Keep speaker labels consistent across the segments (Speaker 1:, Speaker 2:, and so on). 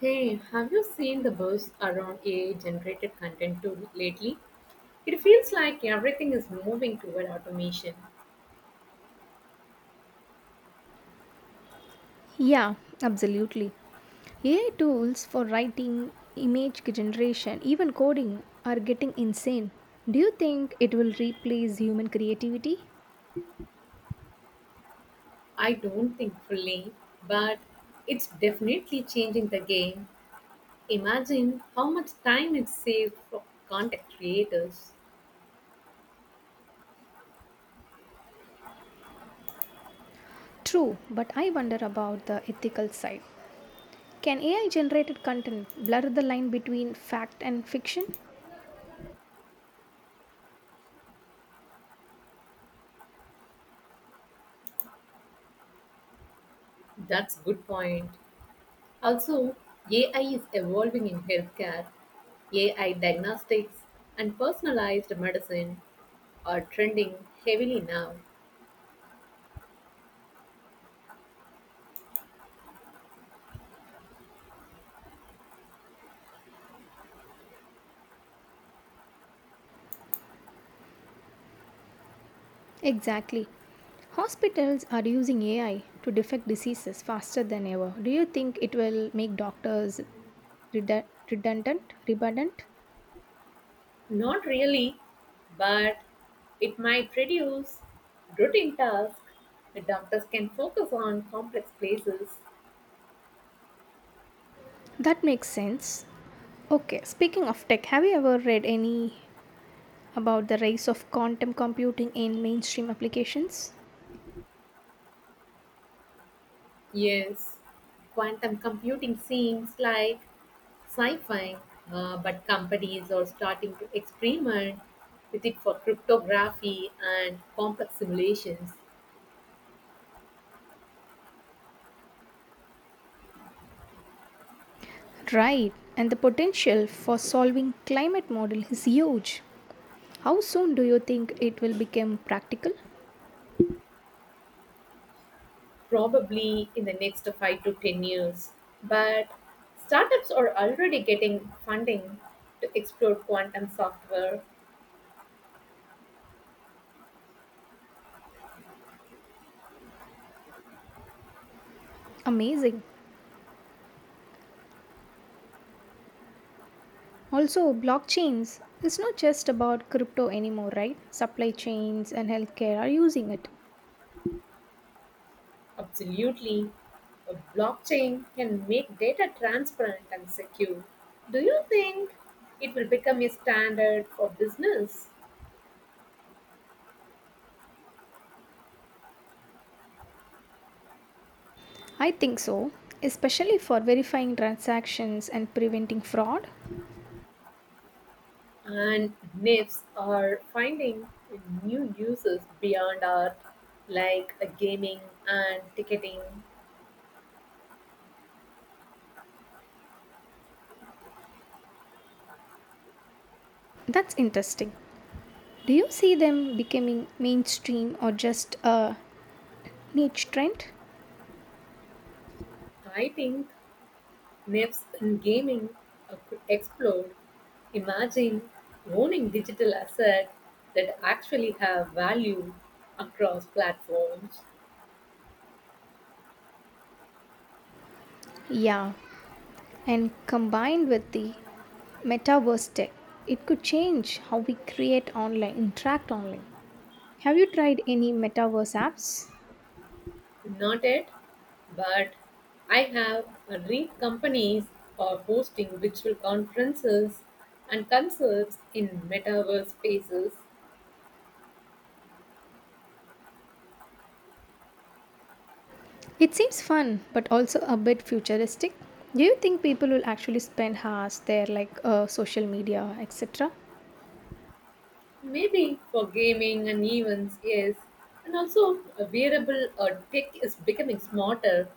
Speaker 1: Hey, have you seen the buzz around AI-generated content too lately? It feels like everything is moving toward automation.
Speaker 2: Yeah, absolutely. AI tools for writing, image generation, even coding are getting insane. Do you think it will replace human creativity?
Speaker 1: I don't think fully, but it's definitely changing the game. Imagine how much time it saves for content creators.
Speaker 2: True, but I wonder about the ethical side. Can AI generated content blur the line between fact and fiction?
Speaker 1: That's good point. Also, AI is evolving in healthcare. AI diagnostics and personalized medicine are trending heavily now.
Speaker 2: Exactly. Hospitals are using AI to detect diseases faster than ever. Do you think it will make doctors redundant? Redundant?
Speaker 1: Not really, but it might reduce routine tasks. The doctors can focus on complex places.
Speaker 2: That makes sense. Okay, speaking of tech, have you ever read any about the rise of quantum computing in mainstream applications?
Speaker 1: Yes, quantum computing seems like sci fi, but companies are starting to experiment with it for cryptography and complex simulations,
Speaker 2: Right, and the potential for solving climate model is huge. How soon do you think it will become practical?
Speaker 1: probably in the next 5 to 10 years. But startups are already getting funding to explore quantum software.
Speaker 2: Amazing. Also, blockchains is not just about crypto anymore, right? Supply chains and healthcare are using it.
Speaker 1: Absolutely. A blockchain can make data transparent and secure. Do you think it will become a standard for business?
Speaker 2: I think so, especially for verifying transactions and preventing fraud.
Speaker 1: And NIFs are finding new uses beyond art, like gaming and ticketing.
Speaker 2: That's interesting. Do you see them becoming mainstream or just a niche trend?
Speaker 1: I think NIFs in gaming could explode. Imagine owning digital assets that actually have value across platforms.
Speaker 2: Yeah, and combined with the metaverse tech, it could change how we create online, interact online. Have you tried any metaverse apps?
Speaker 1: Not yet, but I have read companies are hosting virtual conferences and concerts in metaverse spaces,
Speaker 2: It seems fun, but also a bit futuristic. Do you think people will actually spend hours there, like social media, etc.?
Speaker 1: maybe for gaming and events, yes. And also, a wearable or tech is becoming smarter.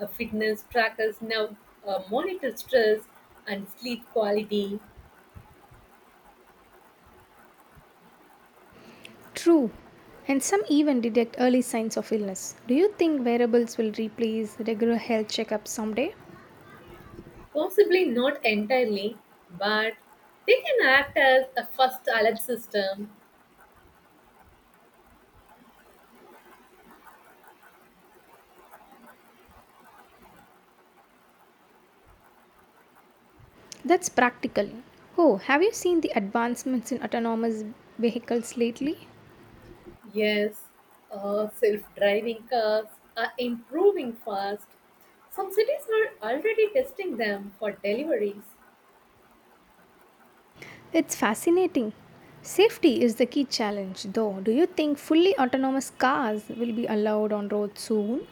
Speaker 1: Fitness trackers now monitor stress and sleep quality,
Speaker 2: True. And some even detect early signs of illness. Do you think wearables will replace regular health checkups someday?
Speaker 1: possibly not entirely, but they can act as a first alert system.
Speaker 2: That's practical. Oh, have you seen the advancements in autonomous vehicles lately?
Speaker 1: Yes, self-driving cars are improving fast. Some cities are already testing them for deliveries.
Speaker 2: It's fascinating. Safety is the key challenge, though. Do you think fully autonomous cars will be allowed on roads soon?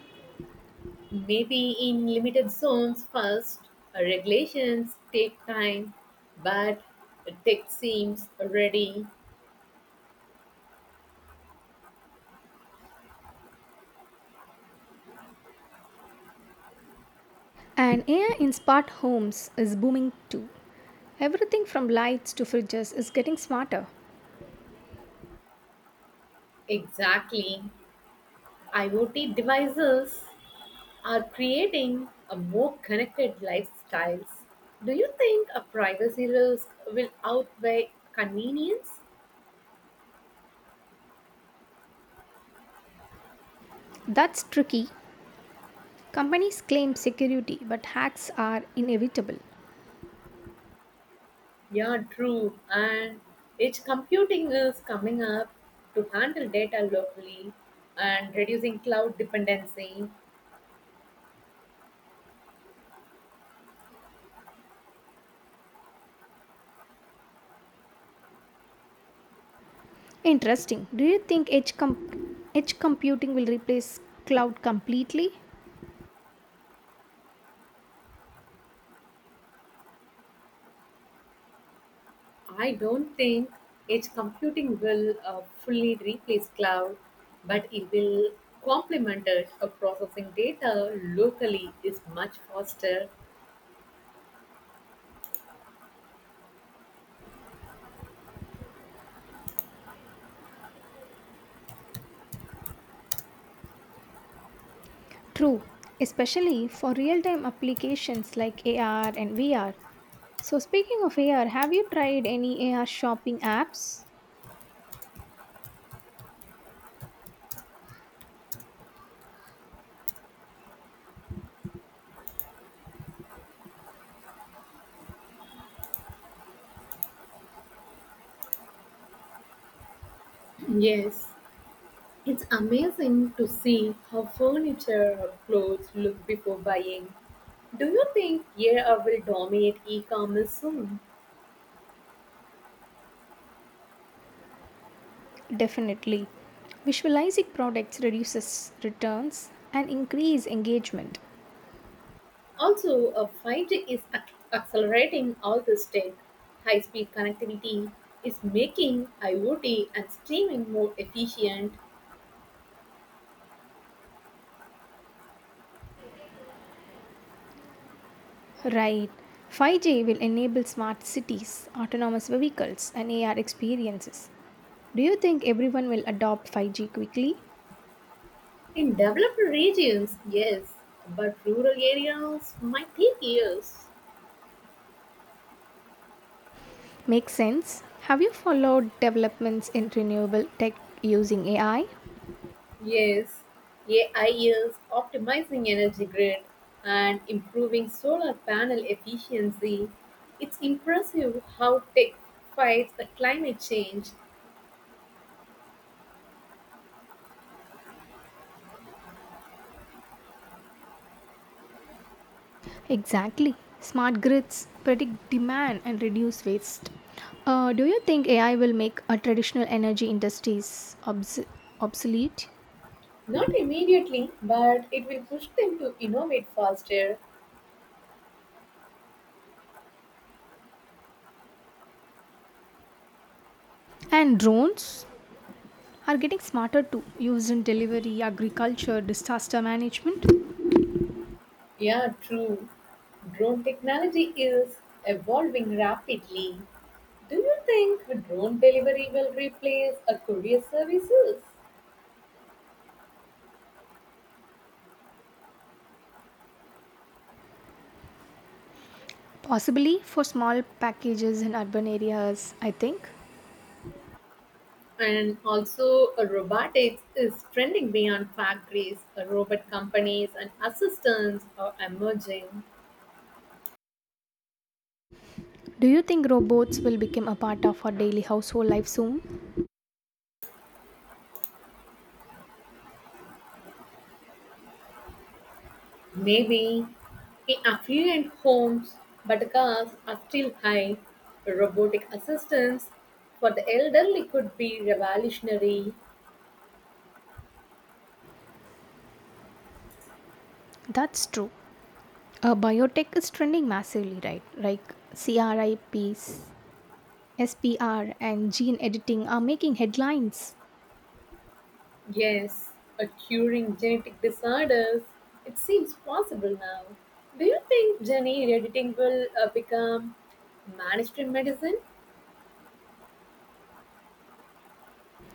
Speaker 1: Maybe in limited zones first, regulations take time, but tech seems ready.
Speaker 2: And AI in smart homes is booming too. Everything from lights to fridges is getting smarter.
Speaker 1: Exactly. IoT devices are creating a more connected lifestyles. Do you think a privacy risk will outweigh convenience?
Speaker 2: That's tricky. Companies claim security, but hacks are inevitable.
Speaker 1: Yeah, true. And edge computing is coming up to handle data locally and reducing cloud dependency.
Speaker 2: Interesting. Do you think edge computing will replace cloud completely?
Speaker 1: I don't think edge computing will fully replace cloud, but it will complement it. Processing data locally is much faster.
Speaker 2: True, especially for real time applications like AR and VR. So, speaking of AR, have you tried any AR shopping apps?
Speaker 1: Yes, it's amazing to see how furniture or clothes look before buying. Do you think AI will dominate e-commerce soon?
Speaker 2: Definitely. Visualizing products reduces returns and increase engagement.
Speaker 1: Also, 5G is accelerating all this tech. High speed connectivity is making IoT and streaming more efficient
Speaker 2: Right. 5G will enable smart cities, autonomous vehicles, and AR experiences. Do you think everyone will adopt 5G quickly?
Speaker 1: in developed regions, yes, but rural areas might take years.
Speaker 2: Makes sense. Have you followed developments in renewable tech using AI?
Speaker 1: Yes, AI is optimizing energy grid and improving solar panel efficiency. It's impressive how tech fights the climate change.
Speaker 2: Exactly. Smart grids predict demand and reduce waste. Do you think AI will make traditional energy industries obsolete?
Speaker 1: Not immediately, but it will push them to innovate faster.
Speaker 2: And drones are getting smarter too, used in delivery, agriculture, disaster management,
Speaker 1: Yeah, true. Drone technology is evolving rapidly. Do you think drone delivery will replace a courier services?
Speaker 2: possibly for small packages in urban areas, I think.
Speaker 1: And also, robotics is trending beyond factories. Robot companies and assistants are emerging.
Speaker 2: Do you think robots will become a part of our daily household life soon?
Speaker 1: Maybe. In affluent homes, but costs are still high. Robotic assistance for the elderly could be revolutionary.
Speaker 2: That's true. Biotech is trending massively, right? Like CRIPs SPR and gene editing are making headlines.
Speaker 1: Yes, a curing genetic disorders. It seems possible now. Do you think gene editing will become mainstream medicine?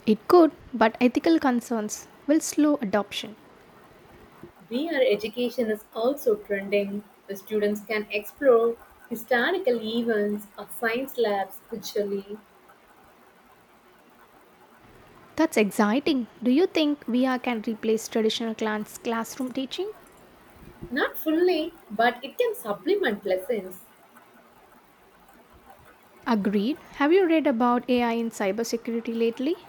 Speaker 2: It could, but ethical concerns will slow adoption.
Speaker 1: We are education is also trending. The students can explore historical events or science labs virtually.
Speaker 2: That's exciting. Do you think VR can replace traditional classroom teaching?
Speaker 1: Not fully, but it can supplement lessons.
Speaker 2: Agreed. Have you read about AI in cybersecurity lately?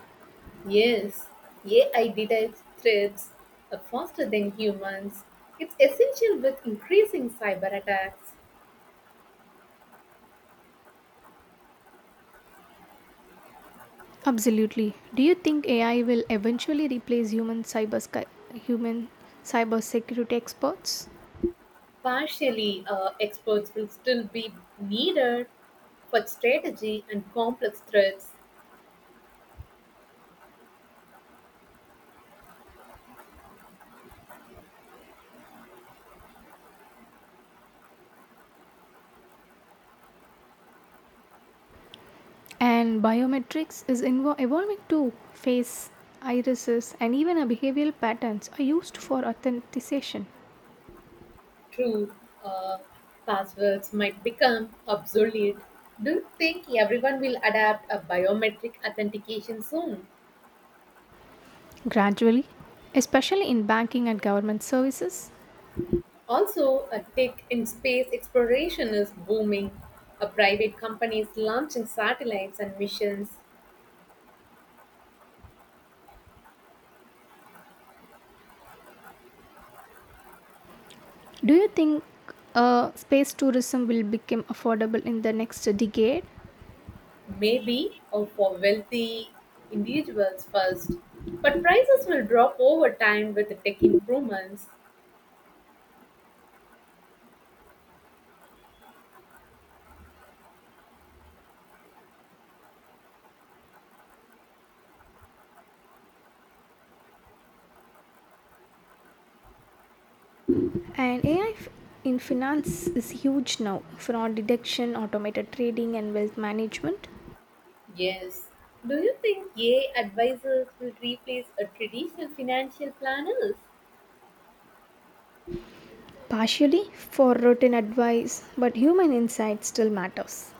Speaker 1: Yes, AI detects threats are faster than humans. It's essential with increasing cyber attacks.
Speaker 2: Absolutely. Do you think AI will eventually replace human cybersecurity experts?
Speaker 1: Partially, experts will still be needed for strategy and complex threats.
Speaker 2: And biometrics is evolving too. Face, irises, and even our behavioral patterns are used for authentication.
Speaker 1: True, uh, passwords might become obsolete. Do you think everyone will adapt a biometric authentication soon?
Speaker 2: Gradually, especially in banking and government services,
Speaker 1: Also, a tech in space exploration is booming. A private companies launching satellites and missions
Speaker 2: do you think space tourism will become affordable in the next decade?
Speaker 1: may be of for wealthy individuals first, but prices will drop over time with the tech improvements.
Speaker 2: And AI in finance is huge now. Fraud detection, automated trading, and wealth management.
Speaker 1: Yes. Do you think AI advisors will replace a traditional financial planners?
Speaker 2: Partially for routine advice, but human insight still matters.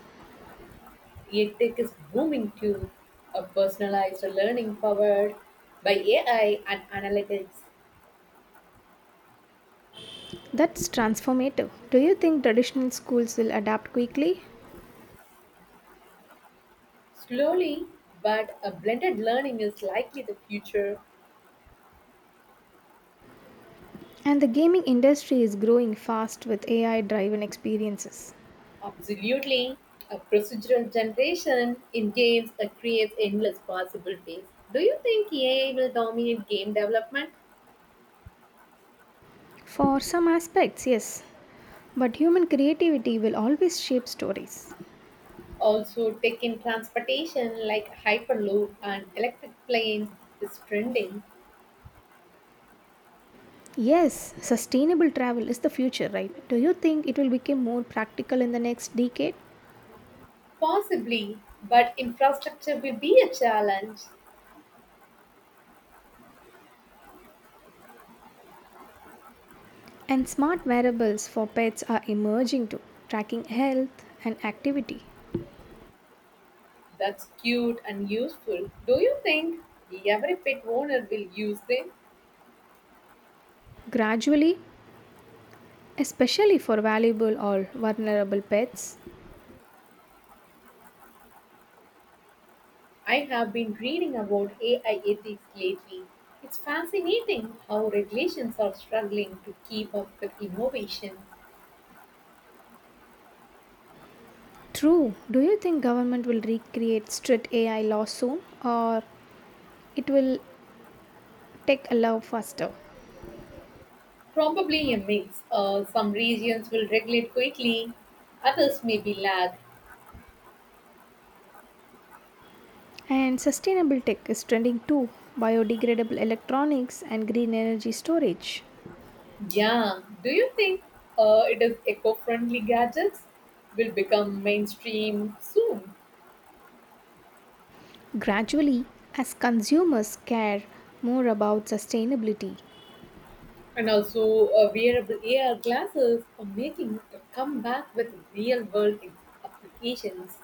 Speaker 1: EdTech is booming too. A personalized learning powered by AI and analytics.
Speaker 2: That's transformative. Do you think traditional schools will adapt quickly?
Speaker 1: Slowly, but a blended learning is likely the future.
Speaker 2: And the gaming industry is growing fast with AI driven experiences.
Speaker 1: Absolutely. A procedural generation in games that creates endless possibilities. Do you think AI will dominate game development?
Speaker 2: For some aspects, yes, but human creativity will always shape stories.
Speaker 1: Also, tech in transportation like Hyperloop and electric planes is trending.
Speaker 2: Yes, sustainable travel is the future, right? Do you think it will become more practical in the next decade?
Speaker 1: Possibly, but infrastructure will be a challenge.
Speaker 2: And smart wearables for pets are emerging too, tracking health and activity.
Speaker 1: That's cute and useful. Do you think every pet owner will use them?
Speaker 2: Gradually, especially for valuable or vulnerable pets.
Speaker 1: I have been reading about AI ethics lately. It's fascinating how regulations are struggling to keep up with innovation.
Speaker 2: True. Do you think government will recreate strict AI laws soon or it will take a love faster?
Speaker 1: Probably a mix. Some regions will regulate quickly, others may be lag.
Speaker 2: And sustainable tech is trending too, biodegradable electronics and green energy storage.
Speaker 1: Yeah, do you think it is eco friendly gadgets will become mainstream soon?
Speaker 2: Gradually, as consumers care more about sustainability.
Speaker 1: And also, wearable AR glasses are making a comeback with real world applications.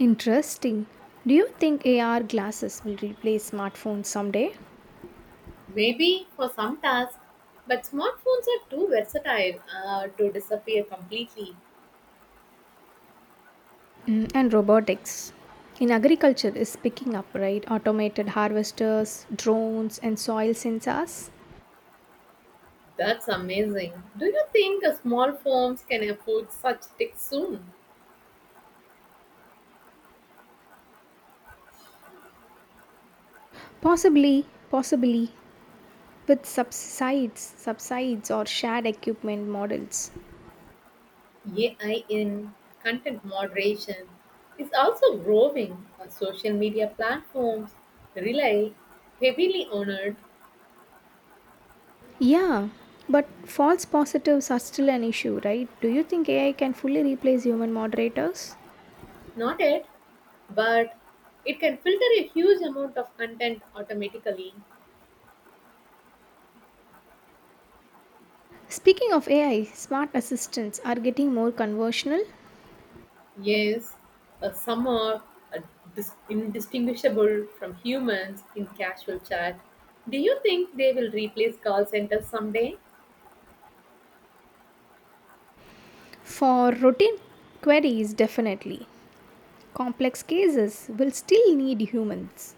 Speaker 2: Interesting. Do you think AR glasses will replace smartphones someday?
Speaker 1: Maybe for some tasks, but smartphones are too versatile to disappear completely.
Speaker 2: Mm, and robotics. In agriculture is picking up, right? Automated harvesters, drones and soil sensors.
Speaker 1: That's amazing. Do you think small firms can afford such tech soon?
Speaker 2: Possibly, possibly with subsides or shared equipment models.
Speaker 1: AI in content moderation is also growing. Social media platforms rely heavily on it,
Speaker 2: Yeah, but false positives are still an issue, right? Do you think AI can fully replace human moderators?
Speaker 1: not it, but it can filter a huge amount of content automatically.
Speaker 2: Speaking of AI, smart assistants are getting more conversational.
Speaker 1: Yes, some are uh, indistinguishable from humans in casual chat. Do you think they will replace call centers someday?
Speaker 2: For routine queries, definitely. Complex cases will still need humans.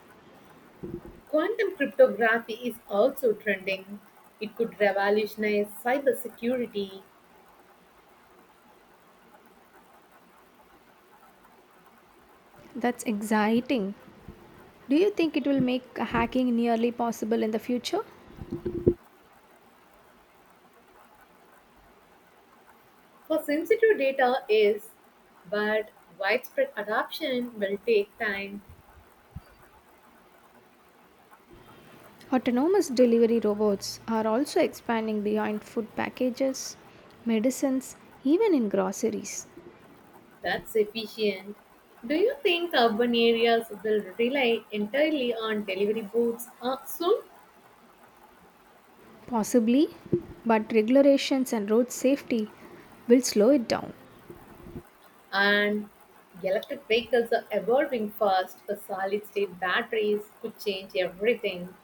Speaker 1: Quantum cryptography is also trending. It could revolutionize cybersecurity
Speaker 2: That's exciting. Do you think it will make hacking nearly possible in the future?
Speaker 1: for sensitive data is, but widespread adoption will take time.
Speaker 2: Autonomous delivery robots are also expanding beyond food packages, medicines, even in groceries.
Speaker 1: That's efficient. Do you think urban areas will rely entirely on delivery booths soon?
Speaker 2: Possibly, but regulations and road safety will slow it down.
Speaker 1: And electric vehicles are evolving fast. The solid state batteries could change everything.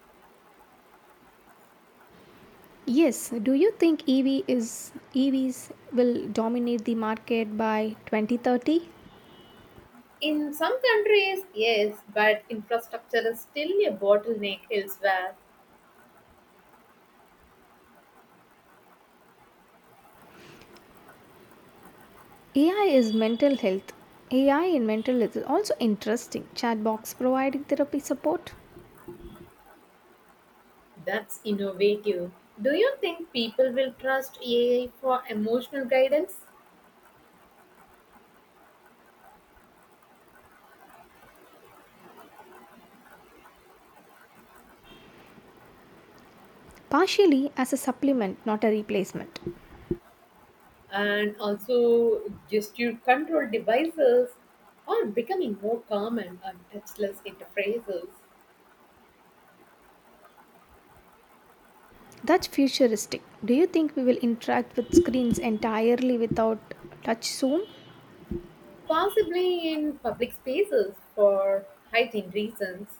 Speaker 2: Yes, do you think EV is EVs will dominate the market by 2030?
Speaker 1: In some countries, yes, but infrastructure is still a bottleneck elsewhere.
Speaker 2: AI is mental health. AI in mental health is also interesting. Chatbots providing therapy support
Speaker 1: That's innovative. Do you think people will trust AI for emotional guidance
Speaker 2: partially as a supplement, not a replacement.
Speaker 1: and also gesture control devices are becoming more common on touchless interfaces,
Speaker 2: That's futuristic. Do you think we will interact with screens entirely without touch soon?
Speaker 1: possibly in public spaces for hygiene reasons?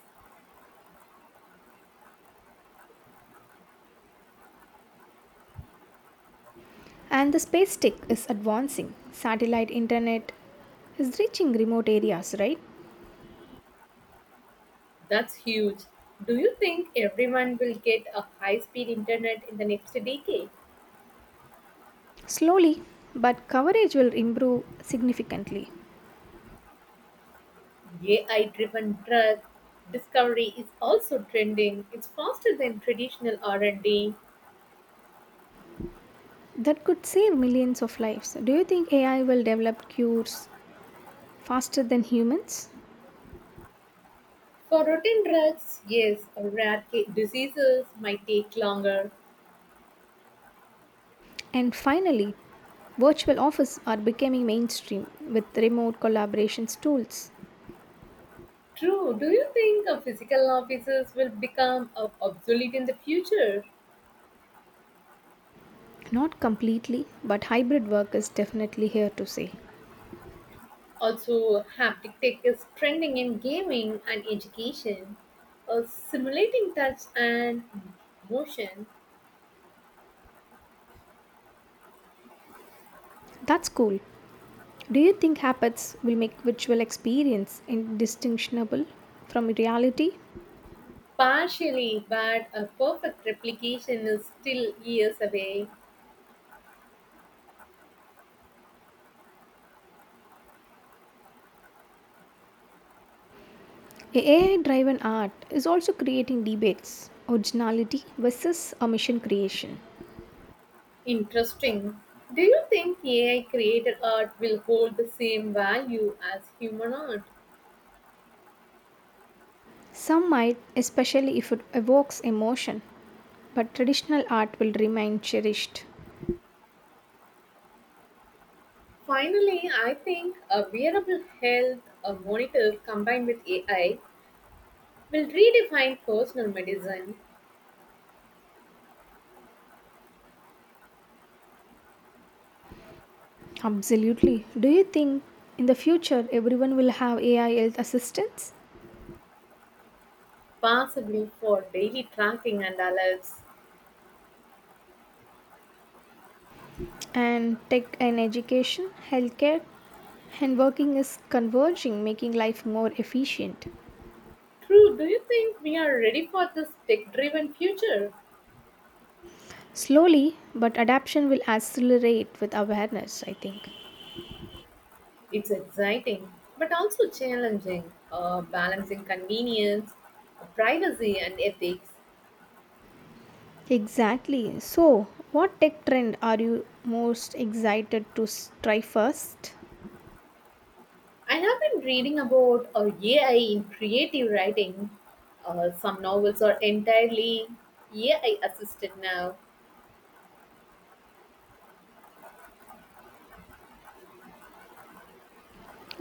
Speaker 2: And the space stick is advancing. Satellite internet is reaching remote areas, right?
Speaker 1: That's huge. Do you think everyone will get a high speed internet in the next decade?
Speaker 2: Slowly, but coverage will improve significantly.
Speaker 1: AI driven drug discovery is also trending. It's faster than traditional R&D.
Speaker 2: That could save millions of lives. Do you think AI will develop cures faster than humans?
Speaker 1: For routine drugs, yes, rare diseases might take longer.
Speaker 2: And finally, virtual offices are becoming mainstream with remote collaborations tools.
Speaker 1: True. Do you think physical offices will become obsolete in the future?
Speaker 2: Not completely, but hybrid work is definitely here to stay.
Speaker 1: Also, haptic tech is trending in gaming and education, simulating touch and motion
Speaker 2: That's cool. Do you think habits will make virtual experience indistinguishable from reality?
Speaker 1: partially, but a perfect replication is still years away.
Speaker 2: AI driven art is also creating debates originality versus omission creation.
Speaker 1: Interesting. Do you think AI created art will hold the same value as human art?
Speaker 2: Some might, especially if it evokes emotion, but traditional art will remain cherished.
Speaker 1: Finally, I think a wearable health a monitor combined with AI will redefine personal medicine.
Speaker 2: Absolutely. Do you think in the future everyone will have AI health assistants?
Speaker 1: Possibly for daily tracking and alerts.
Speaker 2: And tech and education, healthcare, and working is converging, making life more efficient.
Speaker 1: True, do you think we are ready for this tech driven future?
Speaker 2: Slowly, but adaption will accelerate with awareness, I think.
Speaker 1: It's exciting, but also challenging, balancing convenience, privacy, and ethics.
Speaker 2: Exactly. So, what tech trend are you most excited to try first?
Speaker 1: I have been reading about AI in creative writing. Some novels are entirely AI assisted now,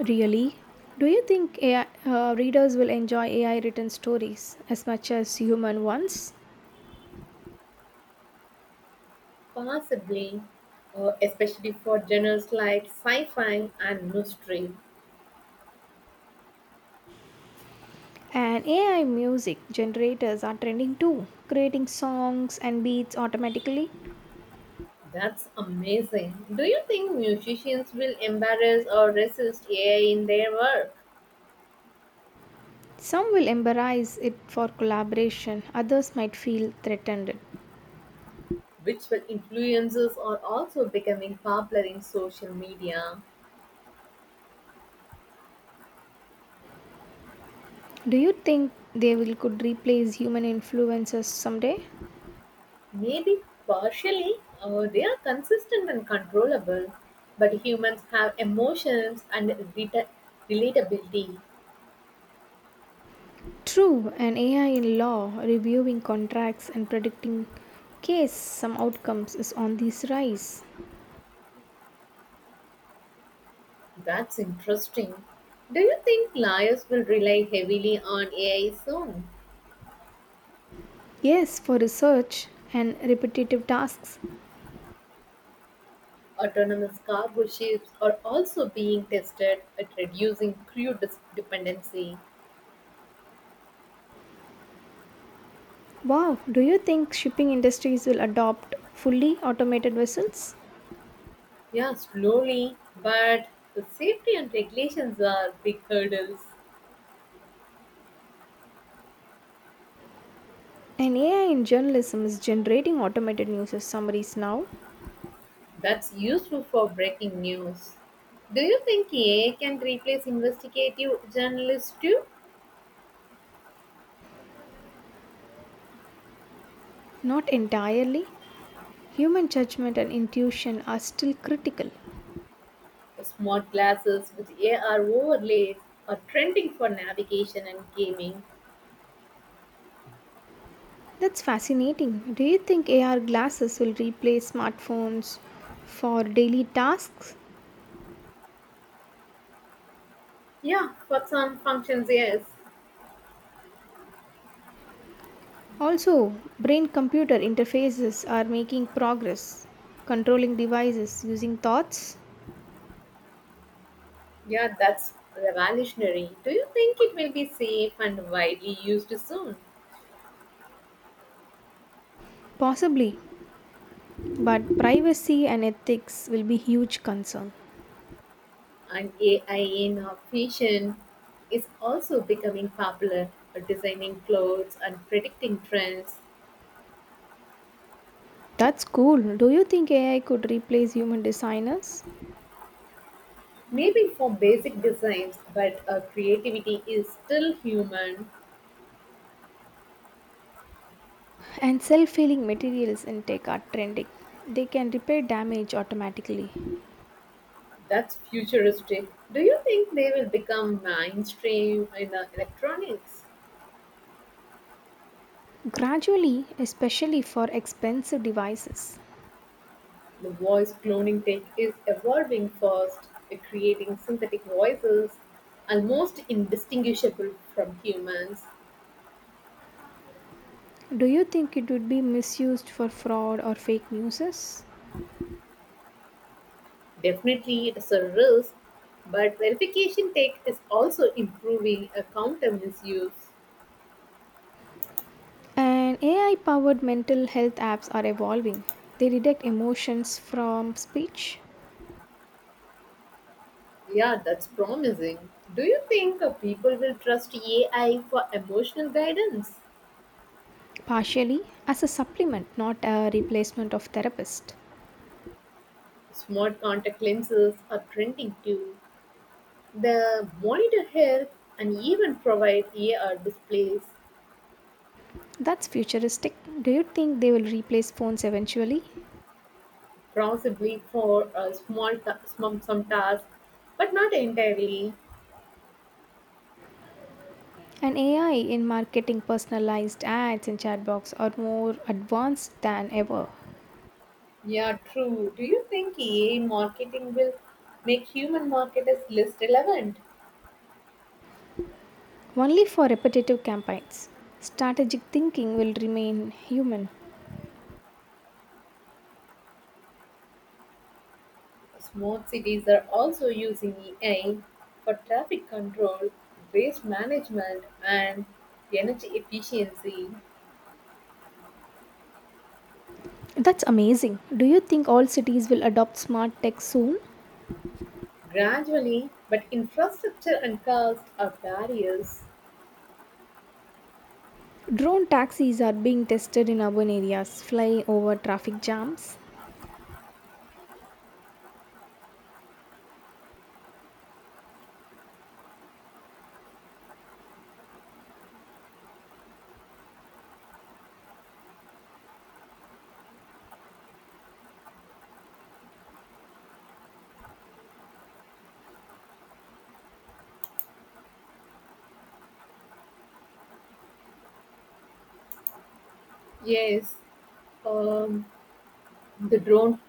Speaker 2: Really? Do you think readers will enjoy AI written stories as much as human ones?
Speaker 1: possibly, especially for genres like sci fi and mystery.
Speaker 2: And AI music generators are trending too, creating songs and beats automatically.
Speaker 1: That's amazing. Do you think musicians will embrace or resist AI in their work?
Speaker 2: Some will embrace it for collaboration, others might feel threatened.
Speaker 1: Virtual influencers are also becoming popular in social media.
Speaker 2: Do you think they will could replace human influencers someday?
Speaker 1: Maybe partially, or they are consistent and controllable, but humans have emotions and reta- relatability.
Speaker 2: True, an AI in law reviewing contracts and predicting case some outcomes is on this rise.
Speaker 1: That's interesting. Do you think lawyers will rely heavily on AI soon?
Speaker 2: Yes, for research and repetitive tasks.
Speaker 1: Autonomous cargo ships are also being tested at reducing crew dependency.
Speaker 2: Wow, do you think shipping industries will adopt fully automated vessels?
Speaker 1: Yeah, slowly, but the safety and regulations are big hurdles.
Speaker 2: And AI in journalism is generating automated news summaries now.
Speaker 1: That's useful for breaking news. Do you think AI can replace investigative journalists too?
Speaker 2: Not entirely, human judgment and intuition are still critical.
Speaker 1: Smart glasses with AR overlays are trending for navigation and gaming.
Speaker 2: That's fascinating. Do you think AR glasses will replace smartphones for daily tasks?
Speaker 1: Yeah, for some functions, yes.
Speaker 2: Also, brain computer interfaces are making progress, controlling devices using thoughts?
Speaker 1: Yeah, that's revolutionary. Do you think it will be safe and widely used soon?
Speaker 2: Possibly, but privacy and ethics will be huge concern.
Speaker 1: And AI in our fashion is also becoming popular for designing clothes and predicting trends.
Speaker 2: That's cool. Do you think AI could replace human designers?
Speaker 1: Maybe for basic designs, but creativity is still human.
Speaker 2: And self healing materials in tech are trending. They can repair damage automatically.
Speaker 1: That's futuristic. Do you think they will become mainstream in electronics?
Speaker 2: Gradually, especially for expensive devices,
Speaker 1: The voice cloning tech is evolving fast, creating synthetic voices almost indistinguishable from humans.
Speaker 2: do you think it would be misused for fraud or fake news?
Speaker 1: Definitely, it is a risk, but verification tech is also improving a counter misuse.
Speaker 2: And AI powered mental health apps are evolving. They detect emotions from speech,
Speaker 1: Yeah, that's promising. Do you think people will trust AI for emotional guidance?
Speaker 2: partially as a supplement, not a replacement of therapist.
Speaker 1: Smart contact lenses are trending too. The monitor help and even provide AR displays.
Speaker 2: That's futuristic. Do you think they will replace phones eventually?
Speaker 1: Possibly for a small some task, but not entirely.
Speaker 2: And AI in marketing, personalized ads, and chatbots are more advanced than ever.
Speaker 1: Yeah, true. Do you think AI marketing will make human marketers less relevant?
Speaker 2: Only for repetitive campaigns. Strategic thinking will remain human.
Speaker 1: Smart cities are also using AI for traffic control, waste management, and energy efficiency.
Speaker 2: That's amazing. Do you think all cities will adopt smart tech soon?
Speaker 1: Gradually, but infrastructure and cost are barriers.
Speaker 2: Drone taxis are being tested in urban areas, flying over traffic jams.
Speaker 1: Yes, um, the drone.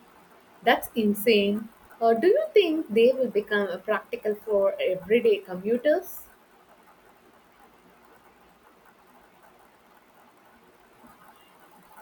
Speaker 1: That's insane. Do you think they will become practical for everyday commuters?